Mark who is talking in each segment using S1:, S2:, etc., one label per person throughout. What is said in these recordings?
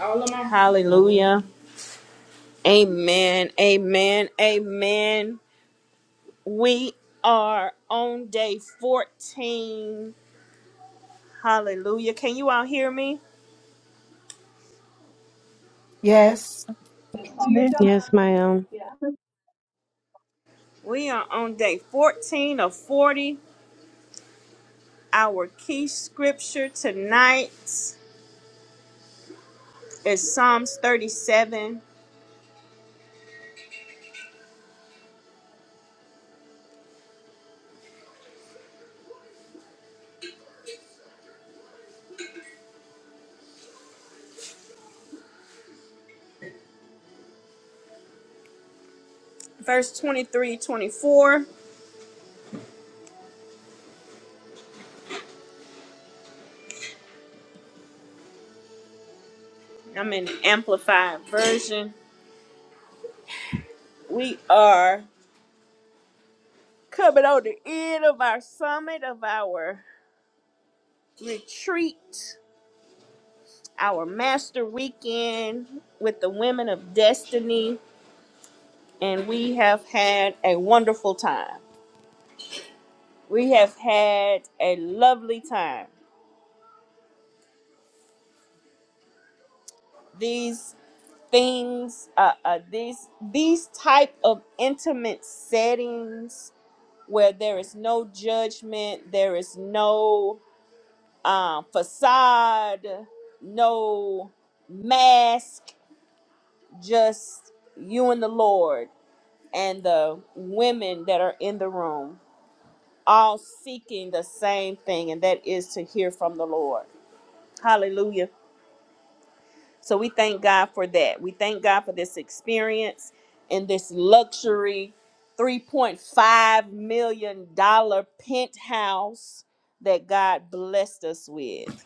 S1: All of my- Hallelujah. Amen. Amen. Amen. We are on day 14. Hallelujah. Can you all hear me?
S2: Yes,
S3: Nick
S4: Yes, ma'am.
S1: We are on day 14 of 40. Our key scripture tonight is Psalms 37, verse twenty-three, twenty-four. I'm in the amplified version. We are coming on the end of our summit of our retreat our master weekend with the women of destiny and we have had a wonderful time we have had a lovely time these things uh, uh these these type of intimate settings where there is no judgment there is no uh, facade no mask just you and the lord and the women that are in the room, all seeking the same thing, and that is to hear from the Lord. Hallelujah. So we thank God for that. We thank God for this experience and this luxury $3.5 million dollars penthouse that God blessed us with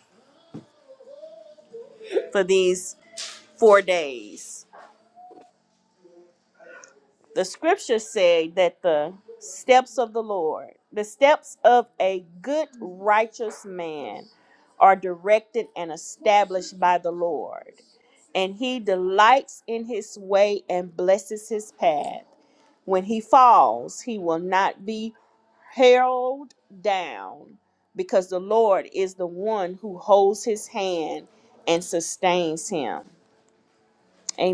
S1: for these four days. The scriptures say that the steps of the Lord, the steps of a good, righteous man, are directed and established by the Lord. And he delights in his way and blesses his path. When he falls, he will not be hurled down because the Lord is the one who holds his hand and sustains him.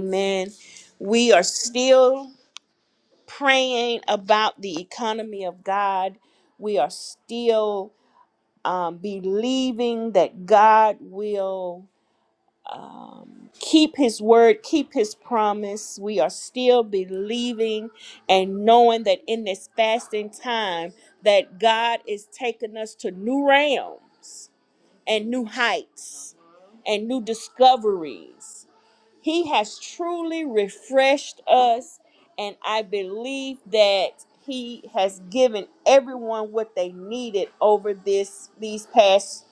S1: Amen. We are still praying about the economy of God. We are still um, believing that God will um, keep His word, keep His promise. We are still believing and knowing that in this fasting time, that God is taking us to new realms and new heights and new discoveries he has truly refreshed us, and I believe that he has given everyone what they needed over this these past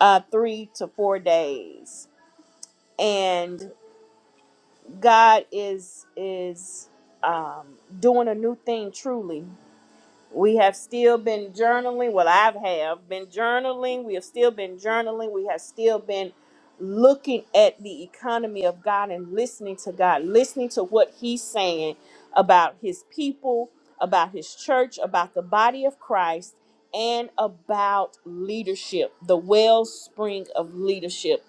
S1: uh, three to four days. And God is is um, doing a new thing truly. We have still been journaling. Well, I have been journaling. We have still been journaling. We have still been looking at the economy of God and listening to God, listening to what He's saying about His people, about His church, about the body of Christ, and about leadership, the wellspring of leadership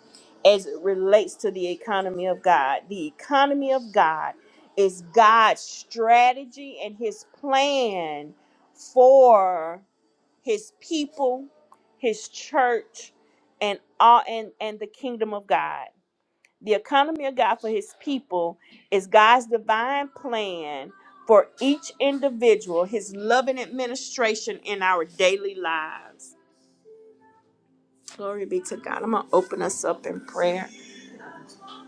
S1: as it relates to the economy of God. The economy of God is God's strategy and His plan for his people, his church, and all and, and the kingdom of God. The economy of God for his people is God's divine plan for each individual, his loving administration in our daily lives. Glory be to God. I'm going to open us up in prayer.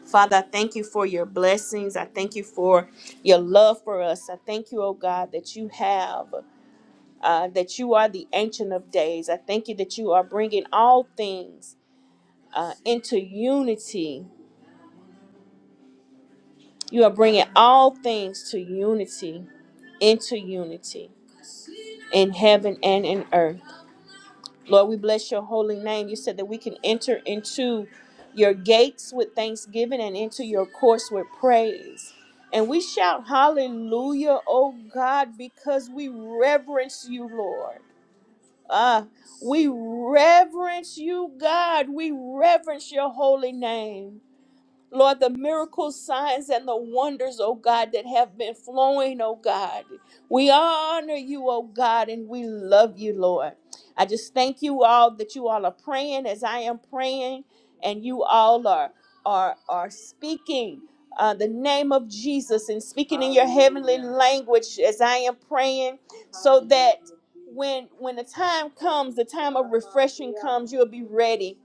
S1: Father, I thank you for your blessings. I thank you for your love for us. I thank you, oh God, that you have. uh, that you are the Ancient of Days. I thank you that you are bringing all things uh, into unity. You are bringing all things to unity, into unity in heaven and in earth. Lord, we bless your holy name. You said that we can enter into your gates with thanksgiving and into your courts with praise. And we shout hallelujah, oh God, because we reverence you, Lord. Ah, we reverence you, God. We reverence your holy name. Lord, the miracles, signs, and the wonders, oh God, that have been flowing, oh God. We honor you, oh God, and we love you, Lord. I just thank you all that you all are praying as I am praying, and you all are are are speaking uh, the name of Jesus and speaking in your heavenly language as I am praying, so that when when the time comes, the time of refreshing comes, you'll be ready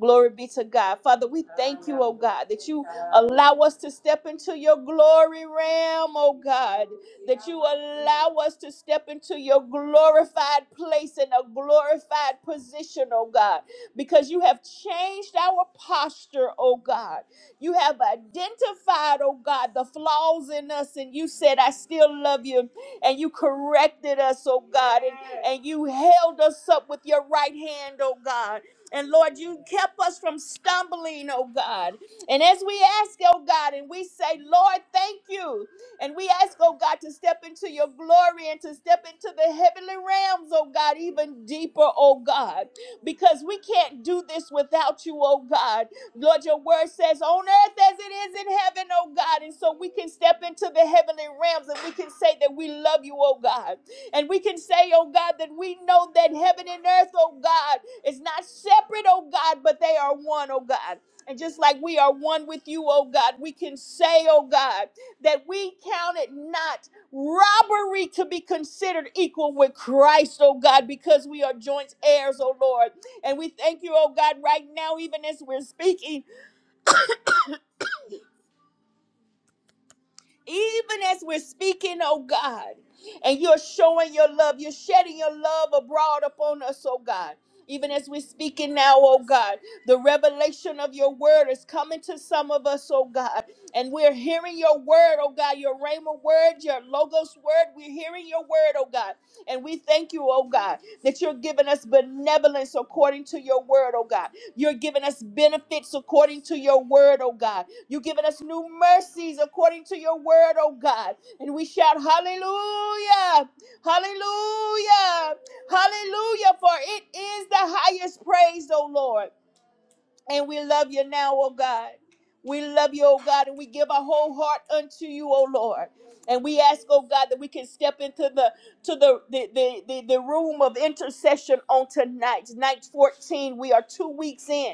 S1: Glory be to God. Father, we thank you, oh God, that you allow us to step into your glory realm, oh God. that you allow us to step into your glorified place and a glorified position, oh God, because you have changed our posture, oh God. You have identified, oh God, the flaws in us, and you said, I still love you, and you corrected us, oh God, and, and you held us up with your right hand, oh God. And Lord, you kept us from stumbling, oh God. And as we ask, oh God, and we say, Lord, thank you. And we ask, oh God, to step into your glory and to step into the heavenly realms, oh God, even deeper, oh God, because we can't do this without you, oh God. Lord, your word says, on earth as it is in heaven, oh God. And so we can step into the heavenly realms and we can say that we love you, oh God. And we can say, oh God, that we know that heaven and earth, oh God, is not separate, oh God, but they are one, oh God. And just like we are one with you, oh God, we can say, oh God, that we counted not robbery to be considered equal with Christ, oh God, because we are joint heirs, oh Lord. And we thank you, oh God, right now, even as we're speaking. even as we're speaking, oh God, and you're showing your love, you're shedding your love abroad upon us, oh God. Even as we're speaking now, oh God, the revelation of your word is coming to some of us, oh God. And we're hearing your word, oh God, your Rhema word, your Logos word. We're hearing your word, oh God. And we thank you, oh God, that you're giving us benevolence according to your word, oh God. You're giving us benefits according to your word, oh God. You've given us new mercies according to your word, oh God. And we shout, Hallelujah! Hallelujah! Hallelujah! For it is the highest praise, oh Lord. And we love you now, oh God. We love you, oh God, and we give our whole heart unto you, oh Lord. And we ask, oh God, that we can step into the to the the, the, the, the room of intercession on tonight. Night 14. We are two weeks in.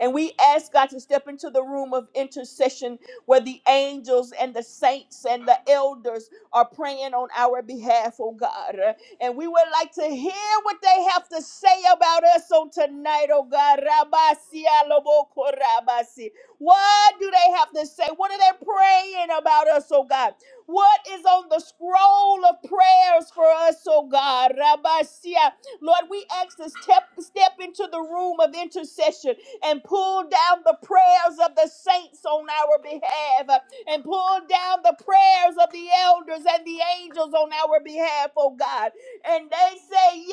S1: And we ask God to step into the room of intercession where the angels and the saints and the elders are praying on our behalf, oh God. And we would like to hear what they have to say about us on tonight, oh God. Rabasi aloboko rabasi. What do they have to say? What are they praying about us, oh God? What is on the scroll of prayers for us, oh God? Rabasia. Lord, we ask to step, step into the room of intercession and pull down the prayers of the saints on our behalf uh, and pull down the prayers of the elders and the angels on our behalf, oh God. And they say,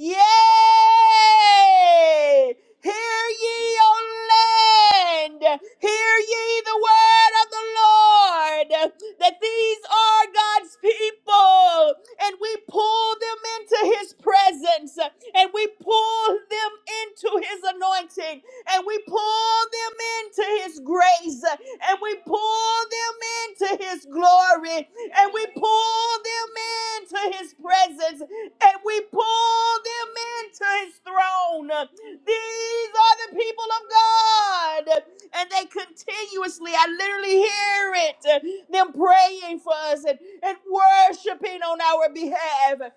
S1: Yay! Yay! Hear ye, O land! Hear ye the word of the Lord! That these are God's people, and we pull them into his presence and we pull them into his anointing and we pull them into his grace and we pull them into his glory and we pull them into his presence and we pull them into his throne. These are the people of God and they continuously, I literally hear it, them praying for us and, and worshiping on our behalf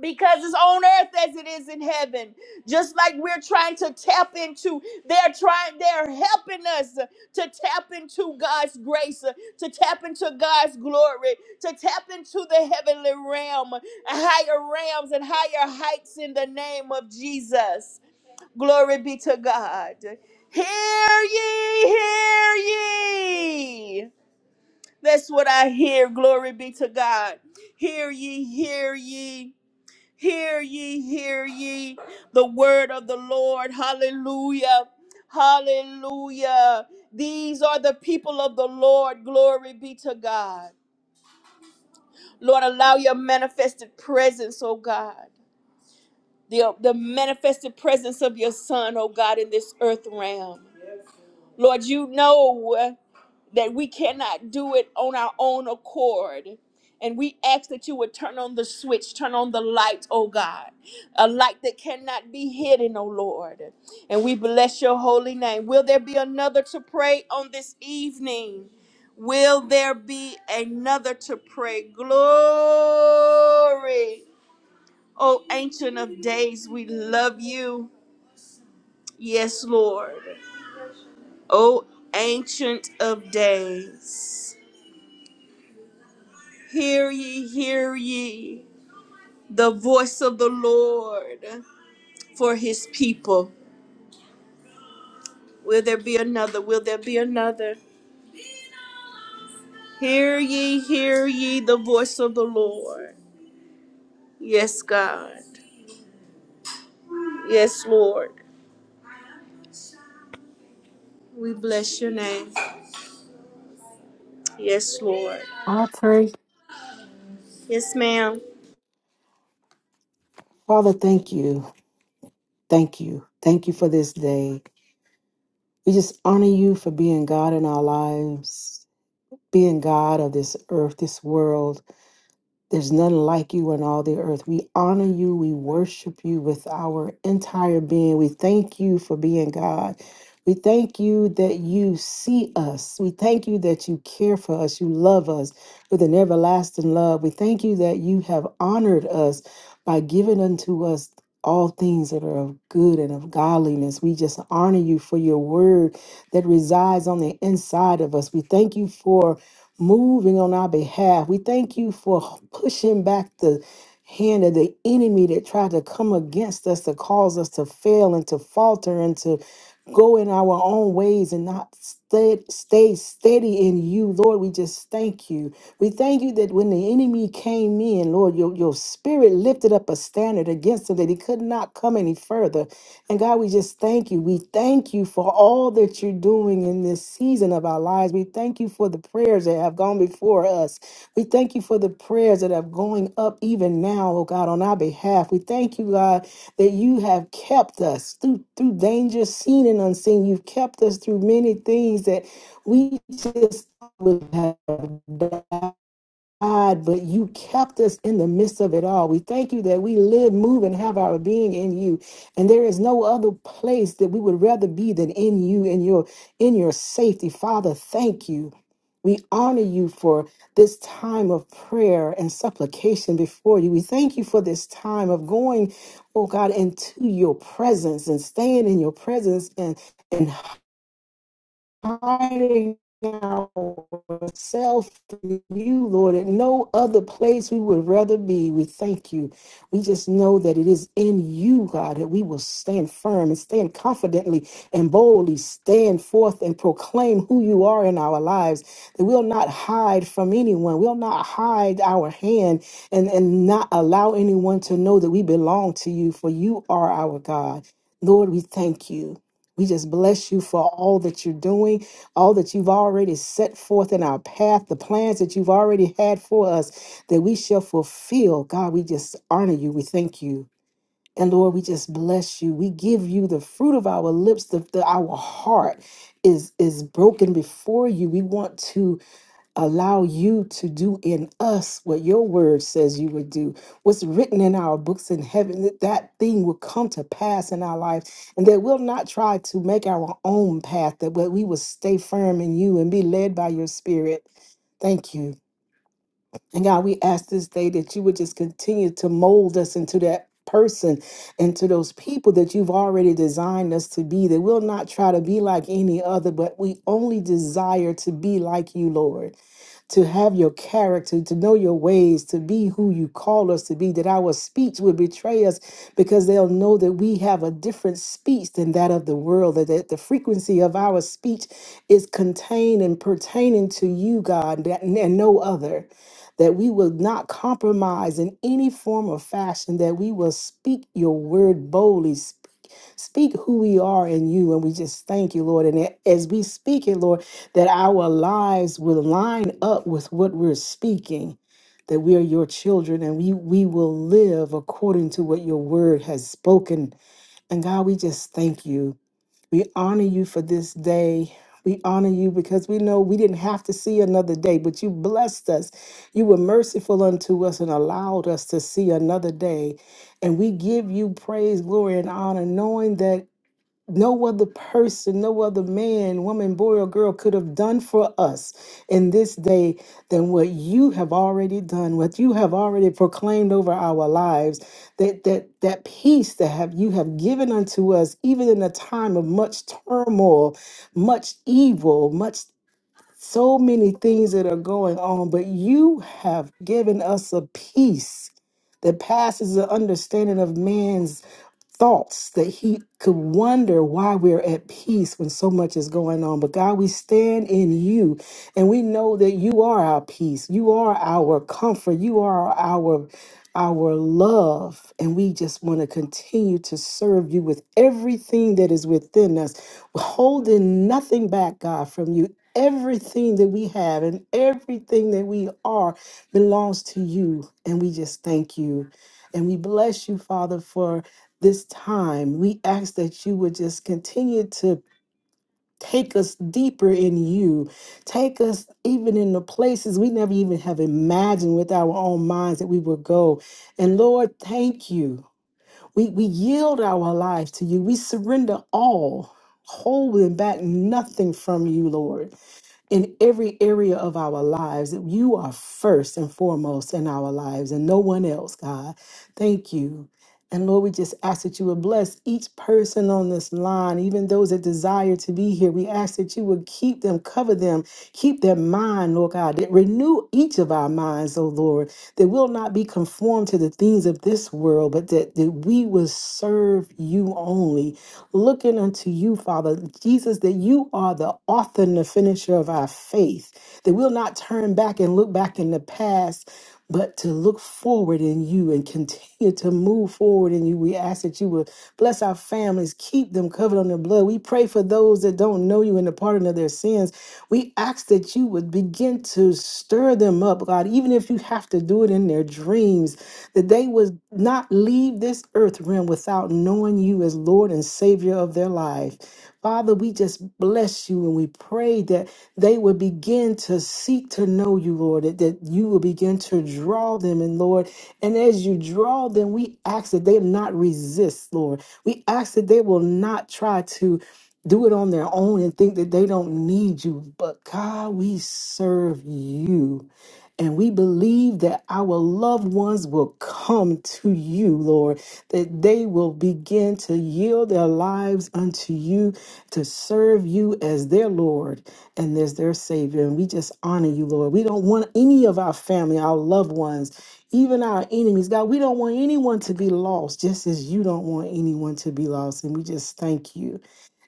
S1: because it's on earth as it is in heaven just like we're trying to tap into they're trying they're helping us to tap into god's grace to tap into god's glory to tap into the heavenly realm higher realms and higher heights in the name of jesus glory be to god hear ye hear ye that's what i hear glory be to god hear ye hear ye Hear ye, hear ye the word of the Lord. Hallelujah. Hallelujah. These are the people of the Lord. Glory be to God. Lord, allow your manifested presence, oh God. The, the manifested presence of your Son, oh God, in this earth realm. Lord, you know. that we cannot do it on our own accord. And we ask that you would turn on the switch, turn on the light, oh God, a light that cannot be hidden, oh Lord. And we bless your holy name. Will there be another to pray on this evening? Will there be another to pray? Glory. Oh, Ancient of Days, we love you. Yes, Lord. Oh, Ancient of Days. Hear ye, hear ye the voice of the Lord for his people. Will there be another? Will there be another? Hear ye, hear ye the voice of the Lord. Yes, God. Yes, Lord. We bless your name. Yes, Lord.
S2: I pray.
S1: Yes, ma'am.
S2: Father, thank you. Thank you. Thank you for this day. We just honor you for being God in our lives, being God of this earth, this world. There's none like you in all the earth. We honor you. We worship you with our entire being. We thank you for being God. We thank you that you see us. We thank you that you care for us. You love us with an everlasting love. We thank you that you have honored us by giving unto us all things that are of good and of godliness. We just honor you for your word that resides on the inside of us. We thank you for moving on our behalf. We thank you for pushing back the hand of the enemy that tried to come against us to cause us to fail and to falter and to go in our own ways and not stay, stay steady in you, Lord. We just thank you. We thank you that when the enemy came in, Lord, your, your spirit lifted up a standard against him that he could not come any further. And God, we just thank you. We thank you for all that you're doing in this season of our lives. We thank you for the prayers that have gone before us. We thank you for the prayers that are going up even now, oh God, on our behalf. We thank you, God, that you have kept us through through danger, seen and unseen. You've kept us through many things that we just would have God, but you kept us in the midst of it all. We thank you that we live, move, and have our being in you. And there is no other place that we would rather be than in you, in your in your safety. Father, thank you. We honor you for this time of prayer and supplication before you. We thank you for this time of going, oh God, into your presence and staying in your presence and, and hiding ourselves to you, Lord, at no other place we would rather be. We thank you. We just know that it is in you, God, that we will stand firm and stand confidently and boldly stand forth and proclaim who you are in our lives. That we'll not hide from anyone. We'll not hide our hand and, and not allow anyone to know that we belong to you, for you are our God. Lord, we thank you. We just bless you for all that you're doing, all that you've already set forth in our path, the plans that you've already had for us that we shall fulfill. God, we just honor you. We thank you. And Lord, we just bless you. We give you the fruit of our lips, the, the- our heart is is broken before you. We want to allow you to do in us what your word says you would do. What's written in our books in heaven, that that thing will come to pass in our life, and that we'll not try to make our own path, that we we will stay firm in you and be led by your spirit. Thank you. And God, we ask this day that you would just continue to mold us into that person, into those people that you've already designed us to be, that we'll not try to be like any other, but we only desire to be like you, Lord to have your character, to know your ways, to be who you call us to be, that our speech would betray us because they'll know that we have a different speech than that of the world, that that the frequency of our speech is contained and pertaining to you, God, that- and no other that we will not compromise in any form or fashion, that we will speak your word boldly, Speak who we are in you, and we just thank you, Lord. And a- as we speak it, Lord, that our lives will line up with what we're speaking, that we are your children and we, we will live according to what your word has spoken. And God, we just thank you. We honor you for this day. We honor you because we know we didn't have to see another day, but you blessed us. You were merciful unto us and allowed us to see another day. And we give you praise, glory, and honor, knowing that no other person, no other man, woman, boy, or girl could have done for us in this day than what you have already done, what you have already proclaimed over our lives. That that that peace that have you have given unto us, even in a time of much turmoil, much evil, much so many things that are going on, but you have given us a peace that passes the understanding of man's thoughts that he could wonder why we're at peace when so much is going on. But God, we stand in you and we know that you are our peace. You are our comfort. You are our our love and we just want to continue to serve you with everything that is within us holding nothing back god from you everything that we have and everything that we are belongs to you and we just thank you and we bless you father for this time. We ask that you would just continue to take us deeper in you, take us even in the places we never even have imagined with our own minds that we would go. And Lord, thank you. We, we yield our life to you, we surrender all. Holding back nothing from you, Lord in every area of our lives. You are first and foremost in our lives and no one else, God. Thank you. And Lord, we just ask that you would bless each person on this line, even those that desire to be here. We ask that you would keep them, cover them, keep their mind, Lord God. That renew each of our minds, oh Lord, that we'll not be conformed to the things of this world, but that, that we will serve you only looking unto you, Father, Jesus, that you are the author and the finisher of our faith, that we'll not turn back and look back in the past, but to look forward in you and continue to move forward in you. We ask that you would bless our families, keep them covered on on the blood. We pray for those that don't know you and the pardon of their sins. We ask that you would begin to stir them up, God, even if you have to do it in their dreams, that they would not leave this earth realm without knowing you as Lord and Savior of their life. Father, we just bless you and we pray that they would begin to seek to know you, Lord, that, that you will begin to draw them. And Lord, and as you draw them, we ask that they not resist, Lord. We ask that they will not try to do it on their own and think that they don't need you. But God, we serve you. And we believe that our loved ones will come to you, Lord, that they will begin to yield their lives unto you to serve you as their Lord and as their Savior. And we just honor you, Lord. We don't want any of our family, our loved ones, even our enemies, God, we don't want anyone to be lost, just as you don't want anyone to be lost. And we just thank you.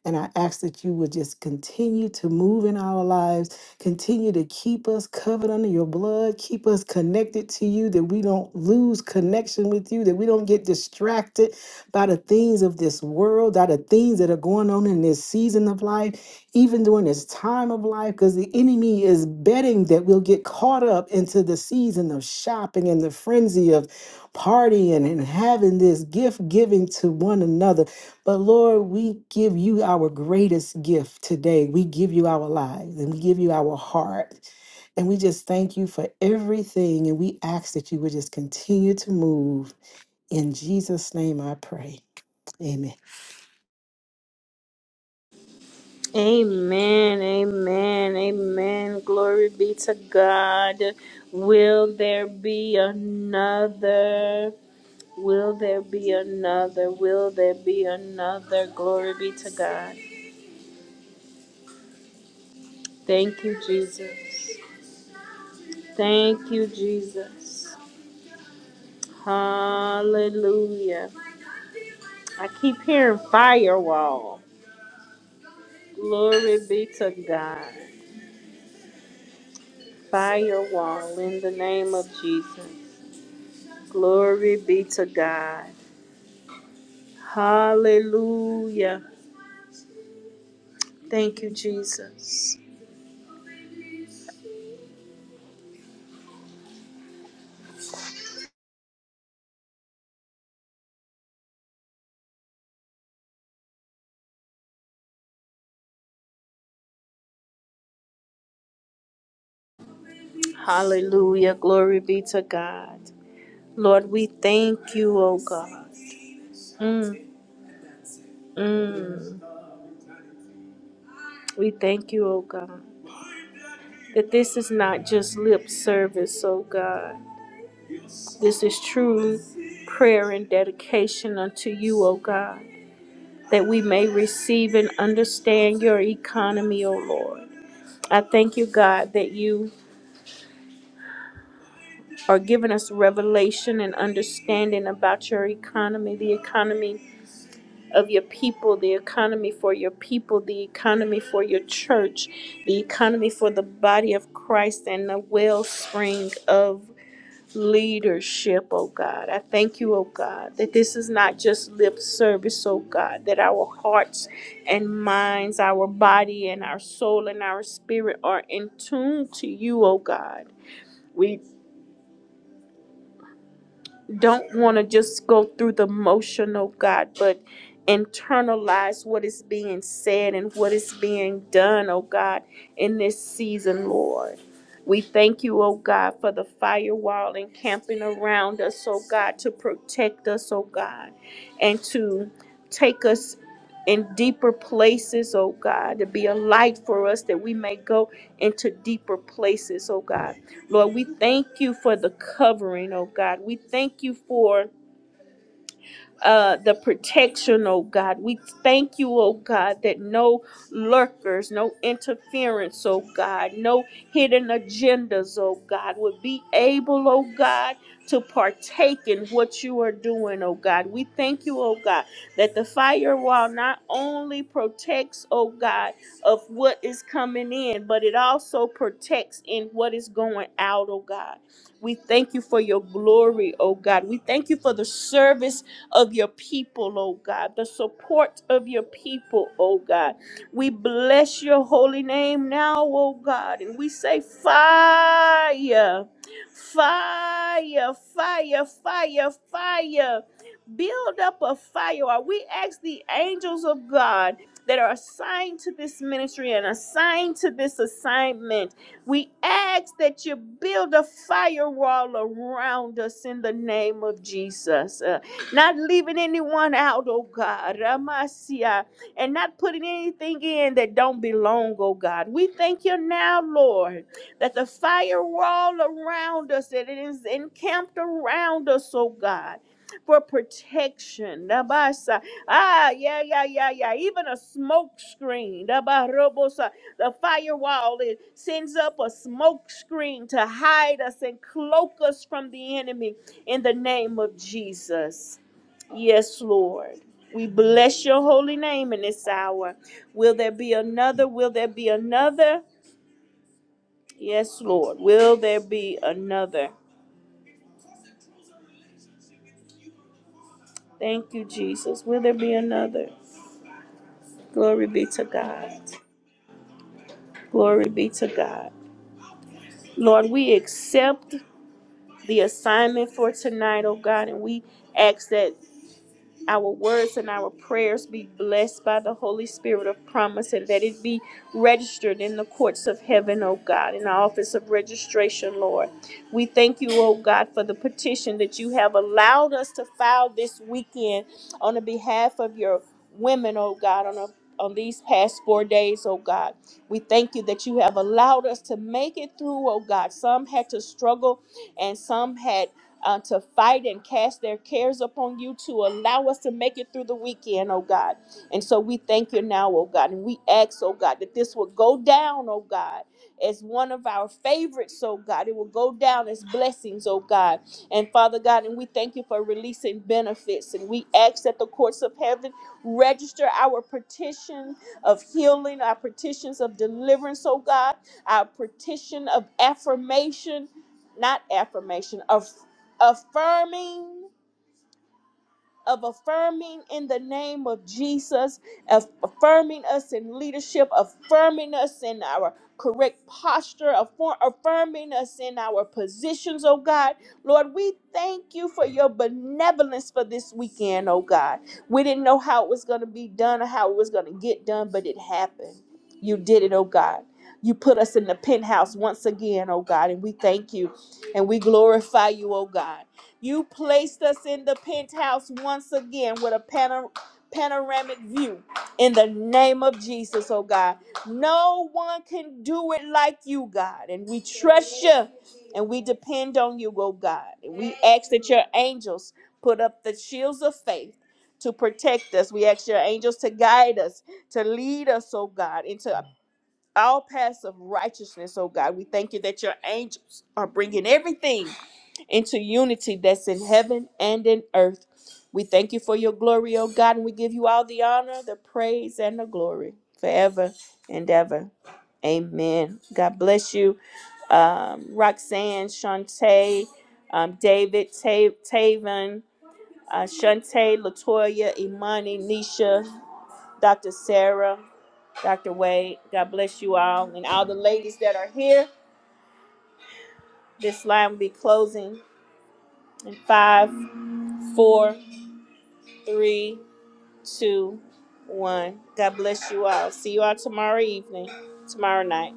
S2: And I ask that you would just continue to move in our lives, continue to keep us covered under your blood, keep us connected to you, that we don't lose connection with you, that we don't get distracted by the things of this world, by the things that are going on in this season of life, even during this time of life because the enemy is betting that we'll get caught up into the season of shopping and the frenzy of partying and having this gift giving to one another. But Lord, we give you our greatest gift today. We give you our lives and we give you our heart. And we just thank you for everything. And we ask that you would just continue to move. In Jesus' name I pray. Amen.
S1: Amen. Amen. Amen. Glory be to God. Will there be another? Will there be another? Will there be another? Glory be to God. Thank you, Jesus. Thank you, Jesus. Hallelujah. I keep hearing firewall. Glory be to God. Firewall in the name of Jesus. Glory be to God. Hallelujah. Thank you, Jesus. Hallelujah. Glory be to God. Lord, we thank you, oh God. Mm, mm. We thank you, oh God, that this is not just lip service, oh God. This is true prayer and dedication unto you, oh God, that we may receive and understand your economy, oh Lord. I thank you, God, that you are giving us revelation and understanding about your economy, the economy of your people, the economy for your people, the economy for your church, the economy for the body of Christ, and the wellspring of leadership, oh God. I thank you, oh God, that this is not just lip service, oh God, that our hearts and minds, our body and our soul and our spirit are in tune to you, oh God. We. don't want to just go through the motion, oh God, but internalize what is being said and what is being done, oh God, in this season, Lord. We thank you, oh God, for the firewall encamping around us, oh God, to protect us, oh God, and to take us in deeper places, oh God, to be a light for us that we may go into deeper places, oh God. Lord, we thank you for the covering, oh God. We thank you for uh, the protection, oh God. We thank you, oh God, that no lurkers, no interference, oh God, no hidden agendas, oh God, would be able, oh God, to partake in what you are doing, oh God. We thank you, oh God, that the firewall not only protects, oh God, of what is coming in, but it also protects in what is going out, oh God. We thank you for your glory, oh God. We thank you for the service of your people, oh God, the support of your people, oh God. We bless your holy name now, oh God, and we say, Fire, fire, fire, fire, fire build up a fire. Or we ask the angels of God that are assigned to this ministry and assigned to this assignment, we ask that you build a firewall around us in the name of Jesus. Uh, not leaving anyone out, oh God. Ramasia, and not putting anything in that don't belong, oh God. We thank you now, Lord, that the firewall around us, that it is encamped around us, oh God for protection. Nabasa. Ah, yeah, yeah, yeah, yeah. Even a smoke screen. Nabarobosa. The firewall it sends up a smoke screen to hide us and cloak us from the enemy in the name of Jesus. Yes, Lord. We bless your holy name in this hour. Will there be another? Will there be another? Yes, Lord. Will there be another? Thank you, Jesus. Will there be another? Glory be to God. Glory be to God. Lord, we accept the assignment for tonight, oh God, and we ask that our words and our prayers be blessed by the Holy Spirit of promise and that it be registered in the courts of heaven, O God, in the office of registration, Lord. We thank you, O God, for the petition that you have allowed us to file this weekend on the behalf of your women, O God, on a on these past four days, O God. We thank you that you have allowed us to make it through, O God. Some had to struggle and some had uh, to fight and cast their cares upon you to allow us to make it through the weekend, oh God. And so we thank you now, oh God. And we ask, oh God, that this will go down, oh God, as one of our favorites, oh God. It will go down as blessings, oh God. And Father God, and we thank you for releasing benefits. And we ask that the courts of heaven register our petition of healing, our petitions of deliverance, oh God, our petition of affirmation. Not affirmation, affirmation affirming of affirming in the name of Jesus, aff- affirming us in leadership, affirming us in our correct posture, affor- affirming us in our positions, oh God. Lord, we thank you for your benevolence for this weekend, oh God. We didn't know how it was going to be done or how it was going to get done, but it happened. You did it, oh God. You put us in the penthouse once again, oh God, and we thank you and we glorify you, oh God. You placed us in the penthouse once again with a panor- panoramic view. In the name of Jesus, oh God. No one can do it like you, God. And we trust you and we depend on you, oh God. And we ask that your angels put up the shields of faith to protect us. We ask your angels to guide us, to lead us, oh God, into all paths of righteousness, oh God. We thank you that your angels are bringing everything into unity that's in heaven and in earth. We thank you for your glory, oh God, and we give you all the honor, the praise, and the glory forever and ever. Amen. God bless you, um, Roxanne, Shantae, um, David, Ta- Taven, uh, Shantae, Latoya, Imani, Nisha, Dr. Sarah. Dr. Wade. God bless you all and all the ladies that are here. This line will be closing in five, four, three, two, one. God bless you all. See you all tomorrow evening, tomorrow night.